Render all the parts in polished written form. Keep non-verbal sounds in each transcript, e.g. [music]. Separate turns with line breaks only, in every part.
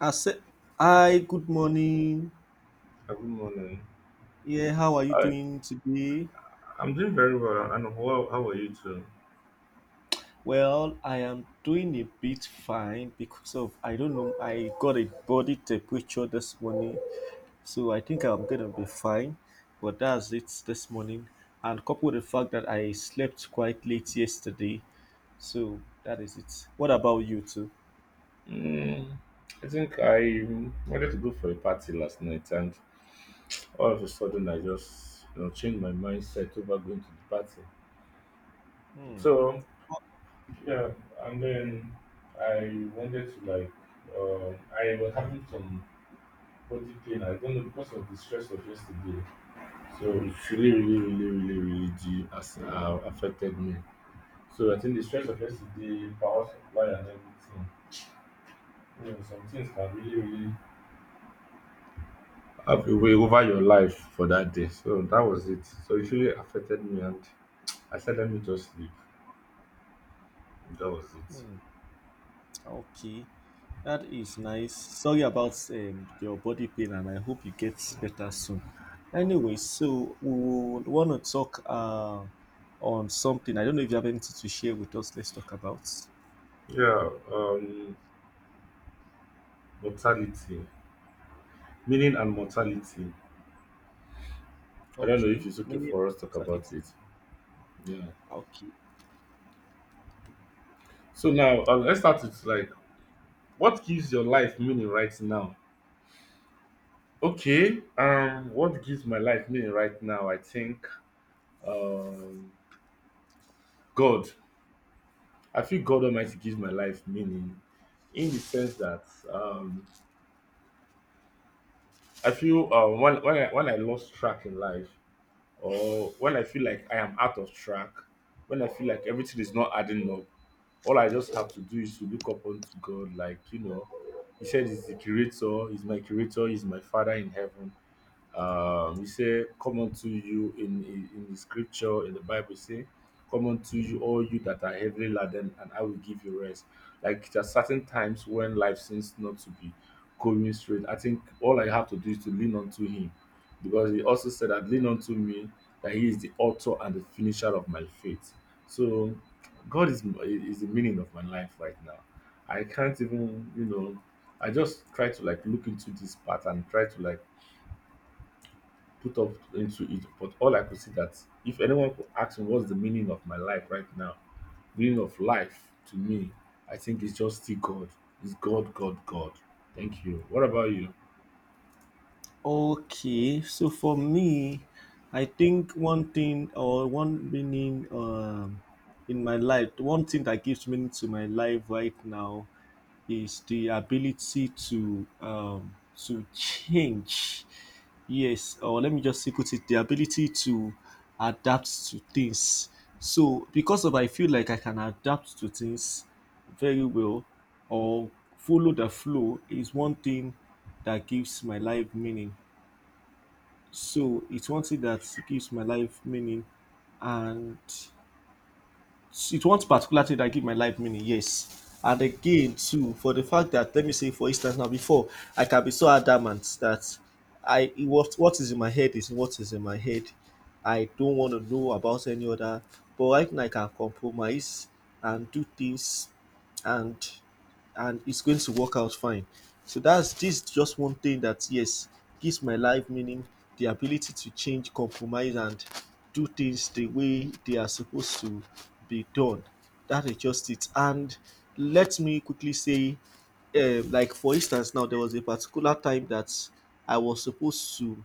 I said, Hi, good morning.
Good morning.
Yeah, how are you
I,
doing today?
I'm doing very well, and how are you too?
Well, I am doing a bit fine because of I don't know, I got a body temperature this morning, so I think I'm gonna be fine. But that's it this morning, and coupled with the fact that I slept quite late yesterday, so that is it. What about you too?
Mm, I think I wanted to go for a party last night, and all of a sudden I just changed my mindset over going to the party. So yeah, and then I wanted to like I was having some body pain. I don't know because of the stress of yesterday. So it really affected me. So I think the stress of yesterday, power supply, and everything. Yeah, some things can really have a way over your life for that day. So that was it. So it really affected me, and I said, let me just sleep. That was it.
Okay, that is nice. Sorry about your body pain, and I hope you get better soon. Anyway, so we want to talk on something. I don't know if you have anything to share with us. Let's talk about.
Yeah, mortality, meaning and mortality. I don't know if
Okay,
it's okay
many
for us to talk
mortality.
about it. Yeah.
Okay,
So now let's start with like what gives your life meaning right now. Okay. What gives my life meaning right now? I think um, God. I feel God Almighty gives my life meaning in the sense that um, I feel when I lost track in life, or when I feel like I am out of track, when I feel like everything is not adding up, all I just have to do is to look up unto God. Like, you know, he said he's the creator, he's my creator, he's my Father in heaven. He said, come unto you in the scripture, in the Bible, say, come unto you, all you that are heavily laden, and I will give you rest. Like there are certain times when life seems not to be going straight. I think all I have to do is to lean onto him. Because he also said that lean onto me, that he is the author and the finisher of my faith. So God is the meaning of my life right now. I can't even, you know, I just try to like look into this part and try to like put up into it. But all I could see that if anyone could ask me what's the meaning of my life right now, meaning of life to me, I think it's just still God. It's God, God, God. Thank you. What about you?
okay, so for me, I think one thing or one meaning in my life, one thing that gives meaning to my life right now is the ability to change. Yes, or let me just say put it, the ability to adapt to things. So because of I feel like I can adapt to things very well or follow the flow is one thing that gives my life meaning. So it's one thing that gives my life meaning, and it's one particular thing that gives my life meaning. Yes, and again too for the fact that let me say for instance now before I can be so adamant that I what is in my head is what is in my head. I don't want to know about any other. But right now I can compromise and do things and it's going to work out fine. So that's this is just one thing that yes gives my life meaning, the ability to change, compromise, and do things the way they are supposed to be done. That is just it. And let me quickly say, like for instance, now there was a particular time that I was supposed to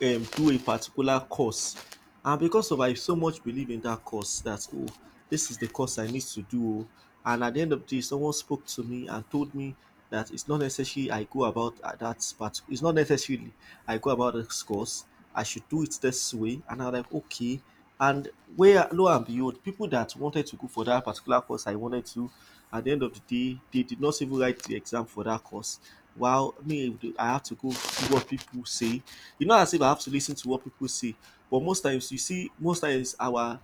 do a particular course and because of I so much believe in that course that oh this is the course I need to do oh and at the end of the day someone spoke to me and told me that it's not necessarily I go about at that part, it's not necessarily I go about this course, I should do it this way and I'm like okay and where lo and behold, people that wanted to go for that particular course I wanted to, at the end of the day, they did not even write the exam for that course. While me, I have to go see what people say. You know, as if I have to listen to what people say. But most times, you see, most times our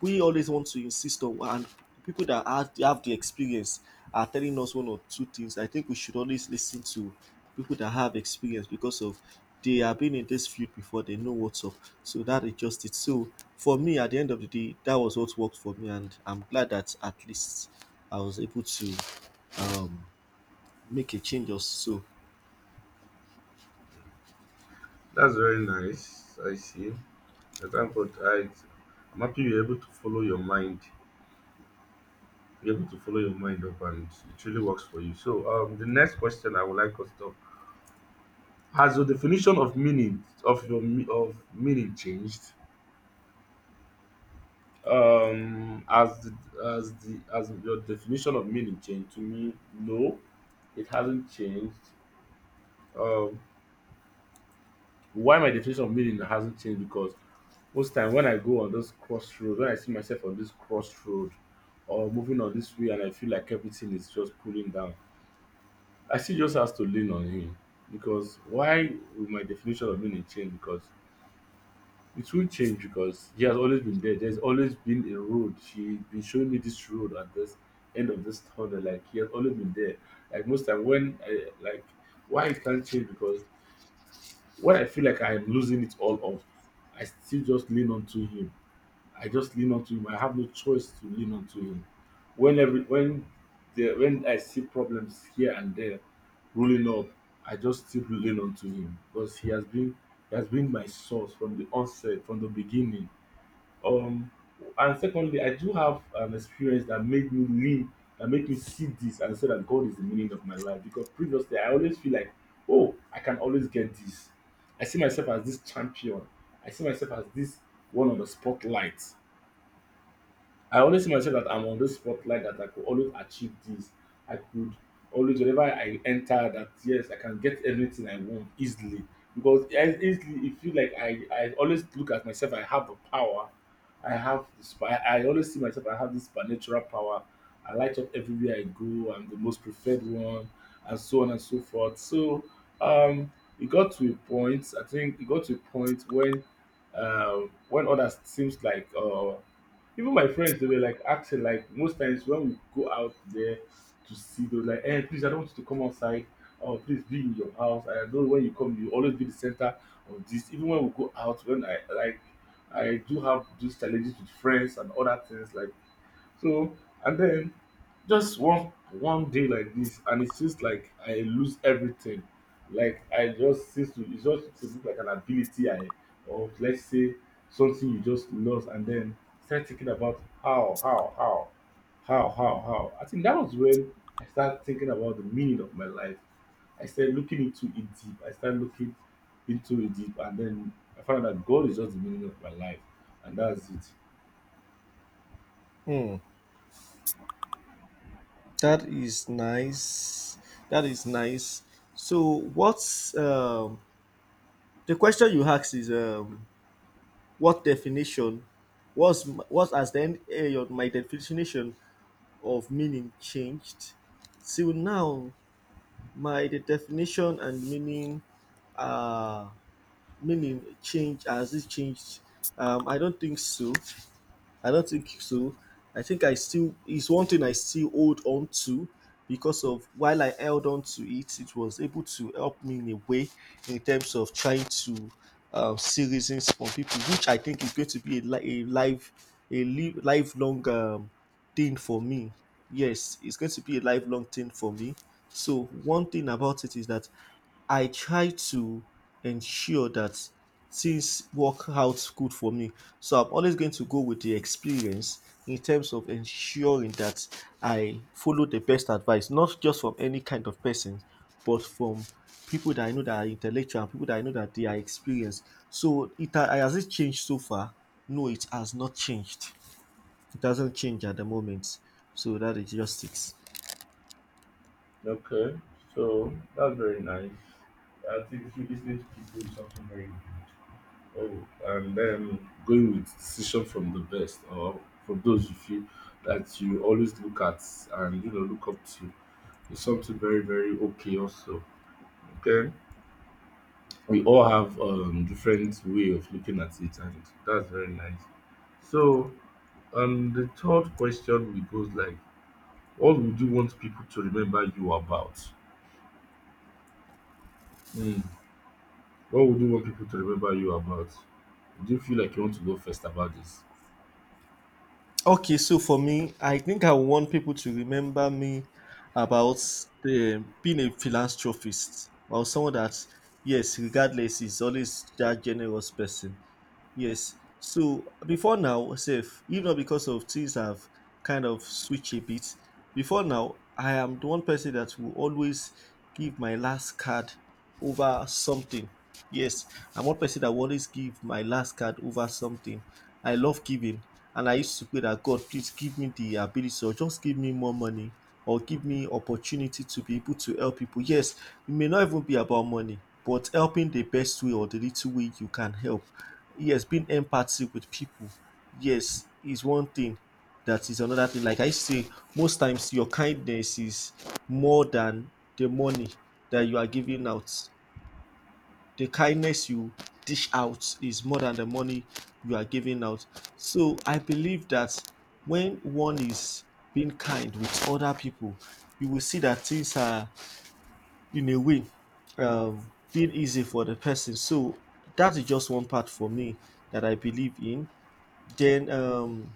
we always want to insist on and people that have the experience are telling us one or two things, I think we should always listen to people that have experience because of they have been in this field before they know what's up. So that is just it. So for me at the end of the day that was what worked for me and I'm glad that at least I was able to um, make a change or so.
That's very nice. I see. I thank God. I'm happy you're able to follow your mind. You're able to follow your mind up, and it really works for you. So, the next question I would like us to talk: Has your definition of meaning of of meaning changed? Um, as the, as your definition of meaning changed to me, no, it hasn't changed. Um, why my definition of meaning hasn't changed because most time when I go on those crossroad, when I see myself on this crossroad or moving on this way, and I feel like everything is just pulling down, I still just has to lean on him because why will my definition of meaning change? Because it will change because he has always been there. There's always been a road. She's been showing me this road at this end of this tunnel. Like he has always been there. Like most time when I, why it can't change because when I feel like I am losing it all up, I still just lean onto him. I just lean onto him. I have no choice to lean onto him. When every when the when I see problems here and there rolling up, I just still lean onto him because he has been my source from the onset, from the beginning um, and secondly, I do have an experience that made me live, that made me see this and say that God is the meaning of my life. Because previously, I always feel like, oh, I can always get this. I see myself as this champion. I see myself as this one on the spotlight. I always see myself that I'm on this spotlight that I could always achieve this. I could always, whenever I enter, that yes, I can get anything I want easily. Because easily, it feel like I always look at myself, I have the power. I have this, I, I always see myself, I have this supernatural power. I light up everywhere I go. I'm the most preferred one, and so on and so forth. So, um, it got to a point, I think it got to a point when others seems like. Even my friends they were like asking like most times when we go out there to see those like, "Hey, please I don't want you to come outside. Oh, please be in your house. I know when you come you always be the center of this." Even when we go out when I like I do have those challenges with friends and other things like so and then just one day like this and it seems like I lose everything. Like I just seems to it just to look like an ability I or let's say something you just lost and then start thinking about how. I think that was when I started thinking about the meaning of my life. I started looking into it deep. I started looking into it deep and then I found out that God is just the meaning of my life and that's it.
That is nice, that is nice. So what's the question you asked is what definition was what has then eh, my definition of meaning changed till now my the definition and meaning uh meaning change, has it changed? I don't think so. I don't think so. I think I still it's one thing I still hold on to because of while I held on to it, it was able to help me in a way in terms of trying to see reasons from people, which I think is going to be a, a life a lifelong thing for me. Yes, it's going to be a lifelong thing for me. So one thing about it is that I try to ensure that things work out good for me. So I'm always going to go with the experience in terms of ensuring that I follow the best advice, not just from any kind of person, but from people that I know that are intellectual and people that I know that they are experienced. So it has it changed so far? No, it has not changed. It doesn't change at the moment. So that is just it.
Okay, so that's very nice. I think if you listening to people is something very good. Oh, and then going with decision from the best or from those of you feel that you always look at and you know look up to is something very very okay also. Okay, we all have different way of looking at it, and that's very nice. So, the third question we goes like, what would you want people to remember you about? Hmm. What would you want people to remember you about? Do you feel like you want to go first about this?
Okay, so for me, I think I want people to remember me about the, being a philanthropist or someone that, yes, regardless, is always that generous person. Yes. So before now, safe, if not because of things have kind of switched a bit, before now, I am the one person that will always give my last card over something. Yes, I'm one person that will always give my last card over something. I love giving, and I used to pray that God, please give me the ability or just give me more money or give me opportunity to be able to help people. Yes, it may not even be about money, but helping the best way or the little way you can help. Yes, being empathic with people. Yes, is one thing. That is another thing. Like I say, most times your kindness is more than the money that you are giving out, the kindness you dish out is more than the money you are giving out. So I believe that when one is being kind with other people, you will see that things are in a way being easy for the person. So that is just one part for me that I believe in. Then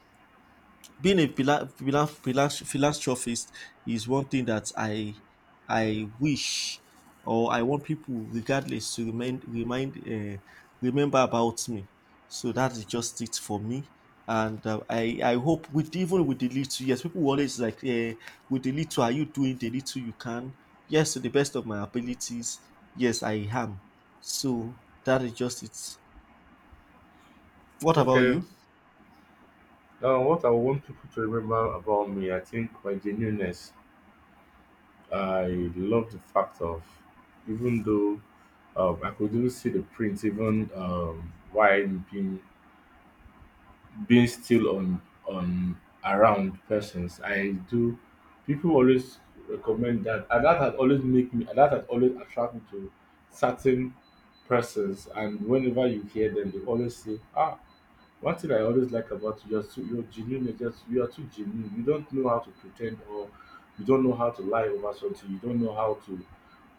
being a philanthropist is one thing that I wish or I want people, regardless, to remind remind remember about me. So that is just it for me. And I hope with even with the little yes people will always like with the little are you doing the little you can yes to the best of my abilities yes I am so that is just it. What about
Okay.
you?
Now, what I want people to remember about me, I think my genuineness. I love the fact of, even though I could even see the print, even why I'm being still on around persons I do people always recommend that and that had always make me and that had always attract me to certain persons and whenever you hear them they always say ah one thing I always like about you you're genuine you're just you are too genuine you don't know how to pretend or you don't know how to lie over something you don't know how to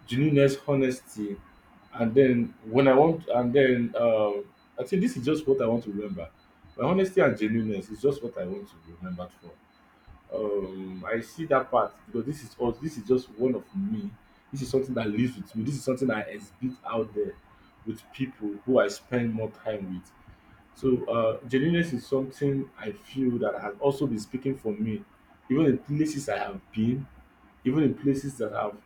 genuineness, honesty, and then when I want, and then I think this is just what I want to remember. My honesty and genuineness is just what I want to be remembered for. I see that part because this is all. This is just one of me. This is something that lives with me. This is something I exhibit out there with people who I spend more time with. So genuineness is something I feel that has also been speaking for me, even in places I have been even in places that I've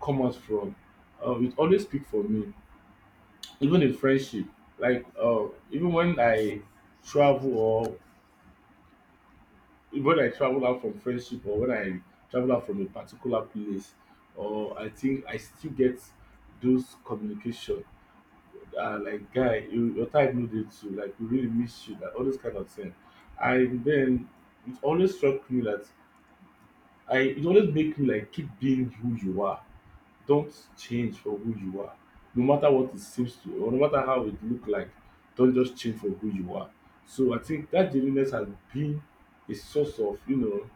come out from, it always speak for me. Even in friendship, like uh, even when I travel or when I travel out from friendship or when I travel out from a particular place, or I think I still get those communication. Like guy, you, your time no dey too. Like we really miss you. Like all those kind of thing. And then it always struck me that I it always make me like keep being who you are. Don't change for who you are. No matter what it seems to or no matter how it look like, don't just change for who you are. So I think that genuineness has been a source of, you know,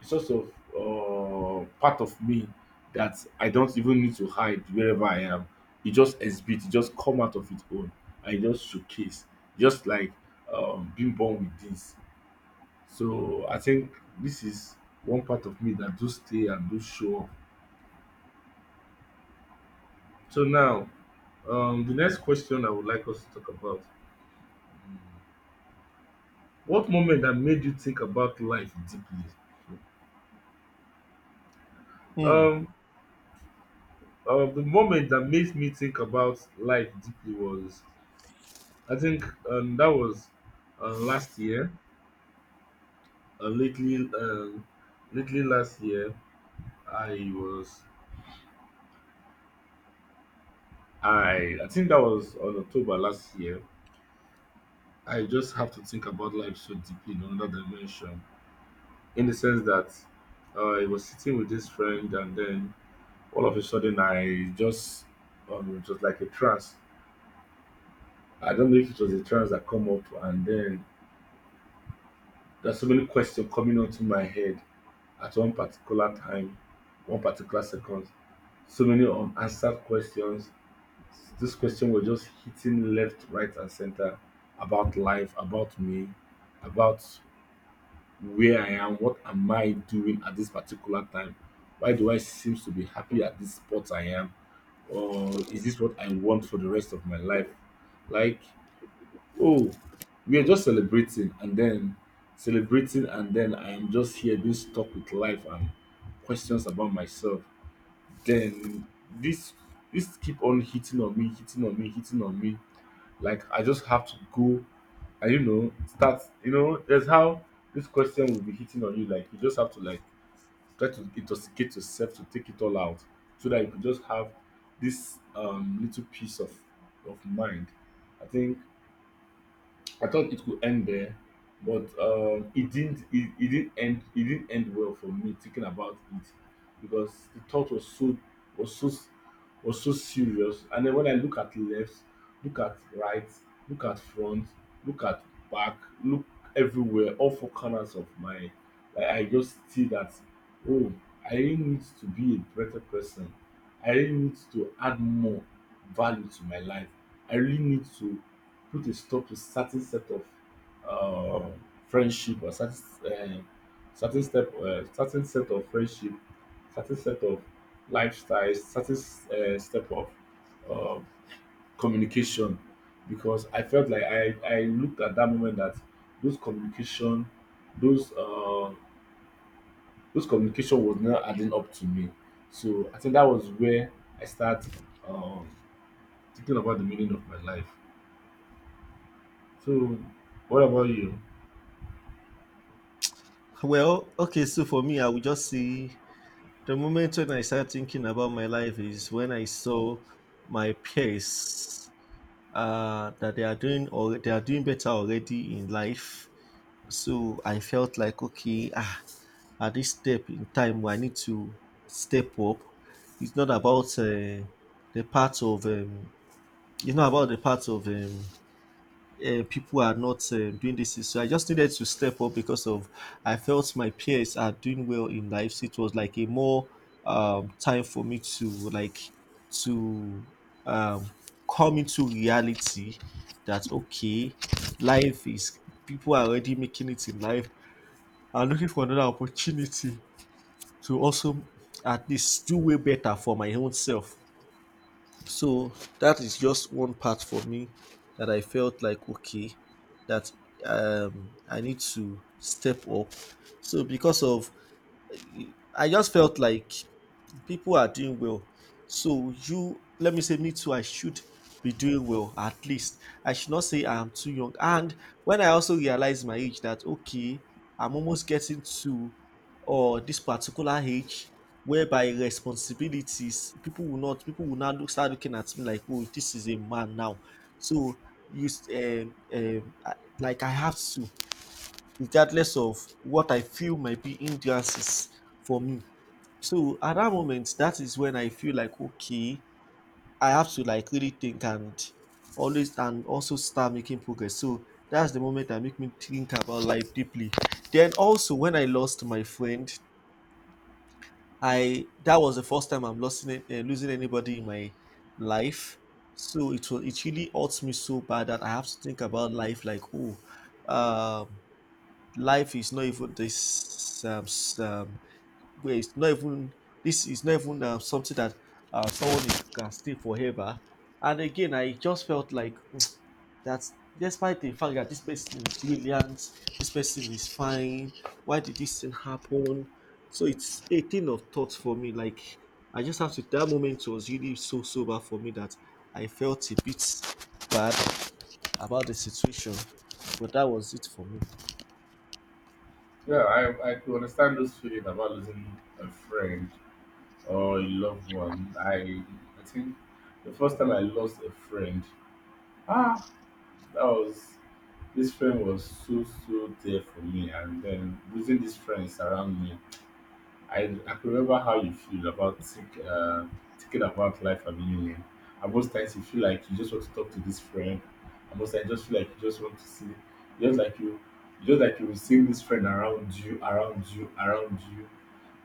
a source of part of me that I don't even need to hide wherever I am. It just exhibit, it just come out of its own. I just showcase, just like being born with this. So I think this is one part of me that do stay and do show up. So now, the next question I would like us to talk about: What moment that made you think about life deeply?
Hmm.
Um, the moment that made me think about life deeply was, I think, that was last year. Uh, lately, um, lately last year, I was, I think that was on October last year. I just have to think about life so deeply in another dimension, in the sense that I was sitting with this friend, and then all of a sudden I just it was like a trance. I don't know if it was a trance that come up, and then there's so many questions coming onto my head at one particular time, one particular second. So many unanswered questions. This question was just hitting left, right, and center about life, about me, about where I am, what am I doing at this particular time? Why do I seem to be happy at this spot I am? Or is this what I want for the rest of my life? Like, oh, we are just celebrating, and then I am just here being stuck with life and questions about myself. Then this this keep on hitting on me, hitting on me, hitting on me. Like I just have to go and start. That's how this question will be hitting on you. Like you just have to like try to intoxicate yourself to take it all out so that you could just have this little piece of mind. I think I thought it could end there, but it didn't. It didn't end. It didn't end well for me thinking about it, because the thought was so, was so, was so serious. And then when I look at left, look at right, look at front, look at back, look everywhere, all four corners of my, like, I just see that. Oh, I really need to be a better person. I really need to add more value to my life. I really need to put a stop to certain set of uh, friendship, or certain, uh, certain certain set of friendship, certain set of lifestyles, certain step of uh, communication. Because I felt like I looked at that moment that those communication, those those communication was not adding up to me. So I think that was where I start um, thinking about the meaning of my life. So what about you?
Well, okay. So for me, I will just say the moment when I started thinking about my life is when I saw my peers that they are doing or they are doing better already in life. So I felt like okay, ah, at this step in time, I need to step up. It's not about the part of it's not about the part of people are not doing this. So I just needed to step up because of I felt my peers are doing well in life. So it was like a more time for me to like to um, come into reality that okay, life is people are already making it in life. I'm looking for another opportunity to also at least do way better for my own self. So that is just one part for me that I felt like okay, that I need to step up. So because of I just felt like people are doing well. So you let me say me too, I should be doing well at least. I should not say I'm too young. And when I also realized my age that okay, I'm almost getting to or this particular age whereby responsibilities people will not people will now look start looking at me like oh this is a man now. So you um, um, I- like I have to regardless of what I feel might be hindrances for me. So at that moment, that is when I feel like okay, I have to like really think and always and also start making progress. So that's the moment that make me think about life deeply. Then also when I lost my friend, I that was the first time I'm losing it, losing anybody in my life. So it was it really hurts me so bad that I have to think about life like oh, um, life is not even this where it's not even this is not even something that someone is, can stay forever. And again, I just felt like mm, that despite the fact that this person is brilliant, this person is fine, why did this thing happen? So it's a thing of thought for me. Like I just have to that moment was really so sober for me that I felt a bit bad about the situation. But that was it for me.
Yeah, I could understand this feeling about losing a friend or a loved one. I think the first time I lost a friend, ah, that was, this friend was so so there for me, and then losing these friends around me, I could remember how you feel about thinking about life and meaning. And most times you feel like you just want to talk to this friend. And most times you just feel like you just want to see, just like you, just like you will seeing this friend around you, around you, around you,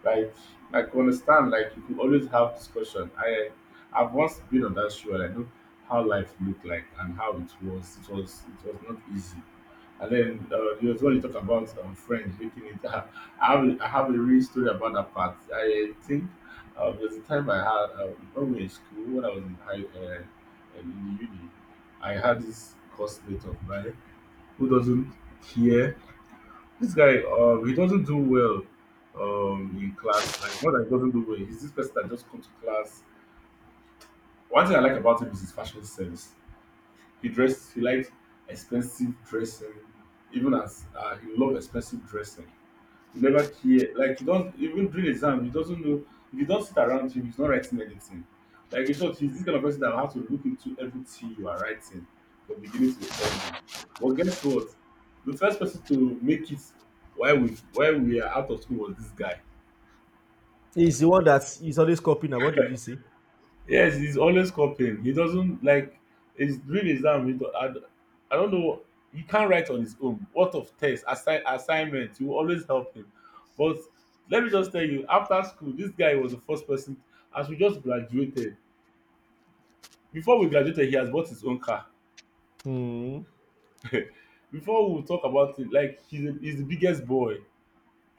like like you understand, like you could always have discussion. I've once been on that show and I know how life looked like and how it was. It was not easy. And then there was when you talk about friends making it. [laughs] I have a real story about that part. I think there was a time I had when we were in school, when I was in uni. I had this classmate of mine who doesn't care, this guy, he doesn't do well in class. Like, not that he doesn't do well. He's this person that just comes to class. One thing I like about him is his fashion sense. He dressed, he likes expensive dressing. Even as he loves expensive dressing, you never care, like you don't even during exam he doesn't know, if you don't sit around him he's not writing anything. Like in short, he's this kind of person that will have to look into everything you are writing from beginning to the ending. But guess what, the first person to make it while we are out of school was this guy.
He's the one that is always copying now. What did you say?
Yes, he's always copying. He doesn't like his real exam. He don't, I, d- I don't know. He can't write on his own. What of test, assignment? You always help him. But let me just tell you, after school, this guy was the first person. As we just graduated, before we graduated, he has bought his own car.
Hmm.
[laughs] before we talk about it, like he's the biggest boy.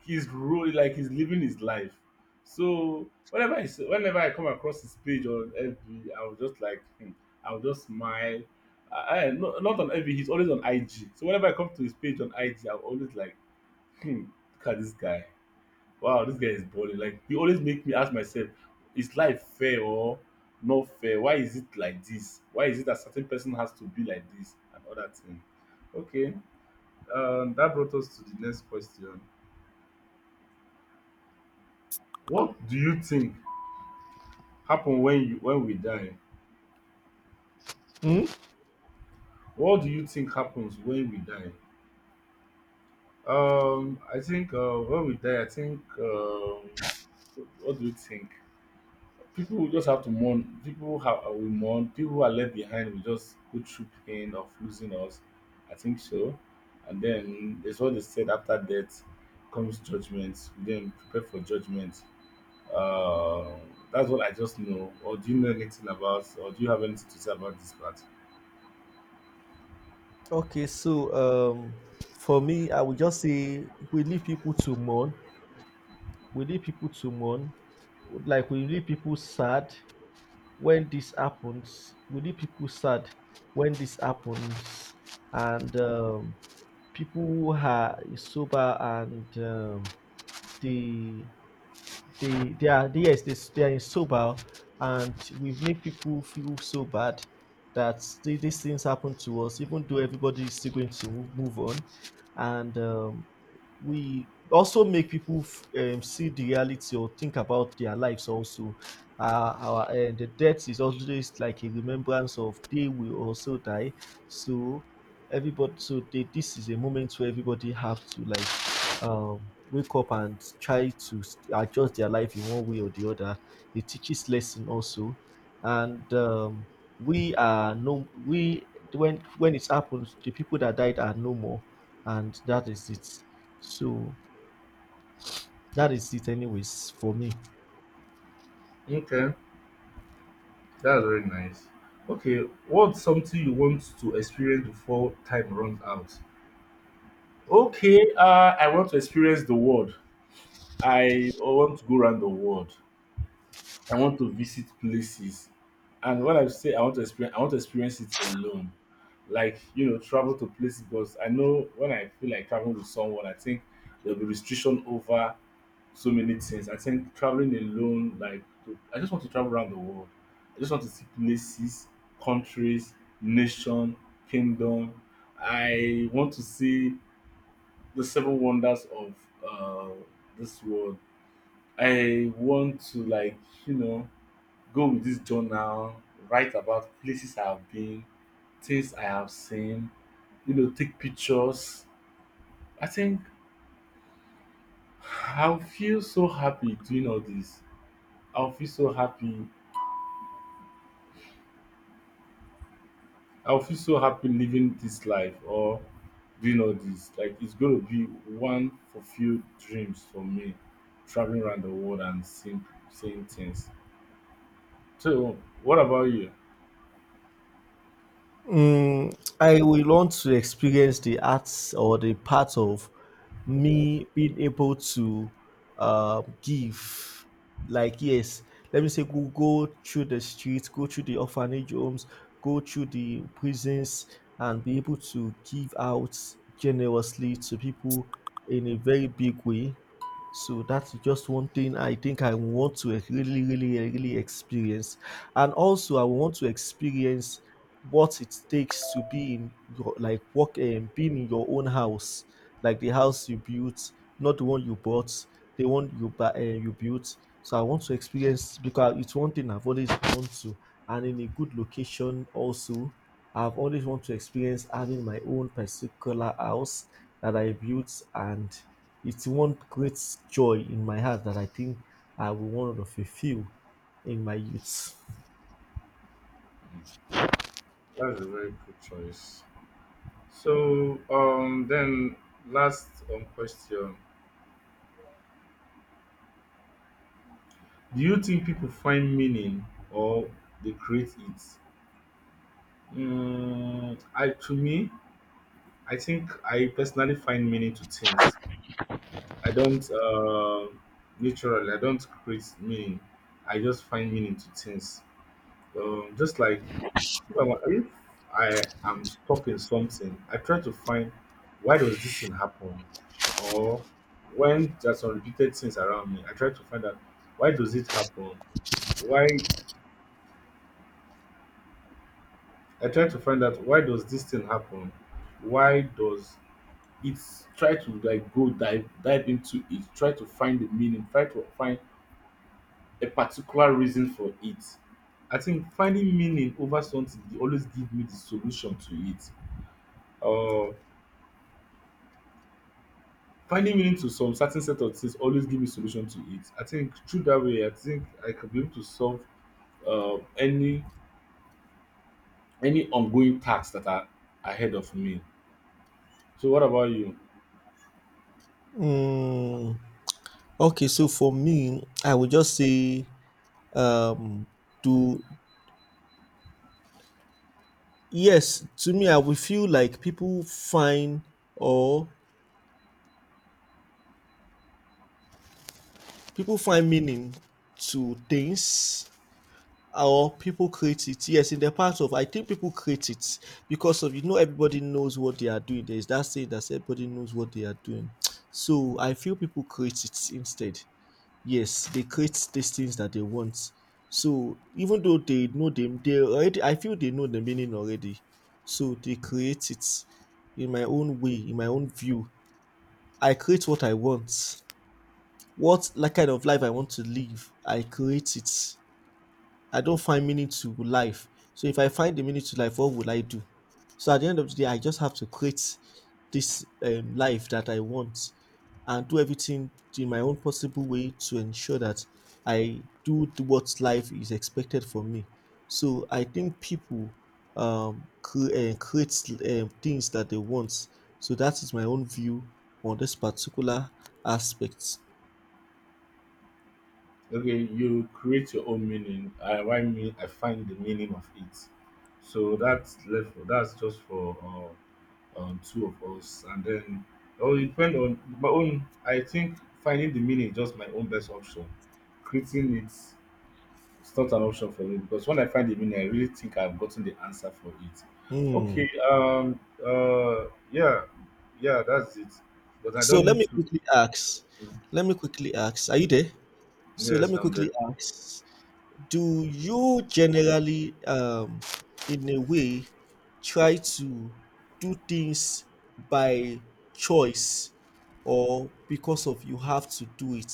He's really like he's living his life. So whenever I come across his page on FB, I will just like, hmm, I will just smile. No, not on FB, he's always on IG. So whenever I come to his page on IG, I'm always like, hmm, look at this guy. Wow, this guy is balling. Like he always make me ask myself, is life fair or not fair? Why is it like this? Why is it that certain person has to be like this and other thing? Okay, that brought us to the next question. What do you think happen when you when we die.
Hmm?
What do you think happens when we die? I think when we die, I think what do you think? People will just have to mourn. People have will mourn. People who are left behind will just go through pain of losing us. I think so. And then there's what they said, after death comes judgment. We then prepare for judgment. Uh, that's what I just know. Or do you know anything about? Or do you have anything to say about this part?
Okay, so for me, I would just say we leave people to mourn. We leave people to mourn. Like we leave people sad when this happens. We leave people sad when this happens, and people who are sober and they they are yes they are in sober and we've made people feel so bad that these things happen to us even though everybody is still going to move on and we also make people see the reality or think about their lives also our the death is always like a remembrance of they will also die so everybody so this is a moment where everybody have to wake up and try to adjust their life in one way or the other. It teaches lesson also, and we are no we when it happens, the people that died are no more, and that is it. So that is it, anyways, for me.
Okay. That's very nice. Okay, what's something you want to experience before time runs out? Okay, I want to experience the world. I want to go around the world. I want to visit places. And when I say I want to experience, I want to experience it alone. Like you know, travel to places, because I know when I feel like traveling with someone, I think there'll be restriction over so many things. I think traveling alone, like to, I just want to travel around the world. I just want to see places, countries, nation, kingdom. I want to see the seven wonders of uh, this world. I want to like, you know, go with this journal, write about places I have been, things I have seen, you know, take pictures. I think [sighs] I'll feel so happy doing all this. I'll feel so happy, I'll feel so happy living this life or doing all this. Like it's gonna be one fulfilled dreams for me, traveling around the world and seeing, seeing things. So what about you?
Mm, I will want to experience the arts or the part of me being able to give. Like, yes, let me say, go through the streets, go through the orphanage homes, go through the prisons, and be able to give out generously to people in a very big way. So that's just one thing I think I want to really, really, really experience. And also, I want to experience what it takes to be in your like work being in your own house, like the house you built, not the one you bought, the one you buy, you built. So I want to experience because it's one thing I've always wanted to, and in a good location also. I've always want to experience having my own particular house that I built, and it's one great joy in my heart that I think I will want to fulfill in my youth.
That's a very good choice. So then last question. Do you think people find meaning or they create it? Mm, I to me, I think I personally find meaning to things. I don't naturally. I don't create meaning. I just find meaning to things. Just like if I am stuck in something, I try to find why does this thing happen, or when there's some repeated things around me, I try to find out why does it happen. Why I try to find out why does this thing happen? Why does it, try to like go dive into it? Try to find the meaning. Try to find a particular reason for it. I think finding meaning over something dey always give me the solution to it. Uh, finding meaning to some certain set of things always give me solution to it. I think through that way, I think I can be able to solve uh any any ongoing tasks that are ahead of me. So, what about you?
Mm. Okay, so for me, I would just say, um, to yes, to me, I would feel like or people find meaning to things or people create it. Yes, in the part of I think people create it because of you know everybody knows what they are doing. There is that saying that everybody knows what they are doing. So I feel people create it instead. Yes, they create these things that they want. So even though they know them, they already I feel they know the meaning already. So they create it in my own way, in my own view. I create what I want. What like kind of life I want to live. I create it. I don't find meaning to life. So if I find the meaning to life, what will I do? So at the end of the day, I just have to create this life that I want and do everything in my own possible way to ensure that I do what life is expected from me. So I think people create things that they want. So that is my own view on this particular aspect.
Okay, you create your own meaning. I why me? I find the meaning of it. So that's left. That's just for two of us, and then oh, it depend on my own. I think finding the meaning is just my own best option. Creating it is not an option for me because when I find the meaning, I really think I've gotten the answer for it.
Hmm.
Okay, yeah, yeah, that's it. But I
So
don't
let
need
me
to.
quickly ask. Let me quickly ask. Are you there? So let
Yes,
me
I'm there.
quickly ask, do you generally, in a way, try to do things by choice or because of you have to do it?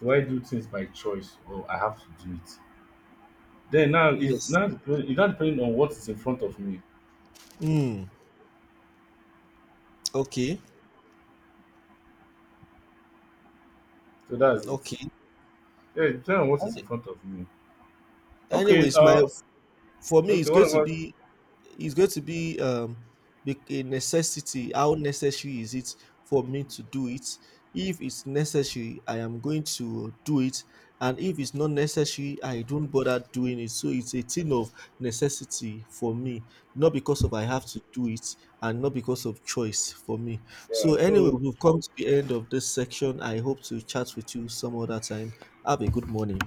Do I do things by choice or I have to do it? Then now
Yes.
it's not depending on what is in front of me.
Mm, okay.
So that's it.
Okay.
Yeah, it depends on what is in
Any-
front of me. Okay,
Anyways, my for me it's
okay, what
going to
about
be it's going to be um a necessity, how necessary is it for me to do it? If it's necessary, I am going to do it, and if it's not necessary, I don't bother doing it. So it's a thing of necessity for me, not because of I have to do it, and not because of choice for me.
yeah?
So anyway,
So
we've come to the end of this section. I hope to chat with you some other time. Have a good morning.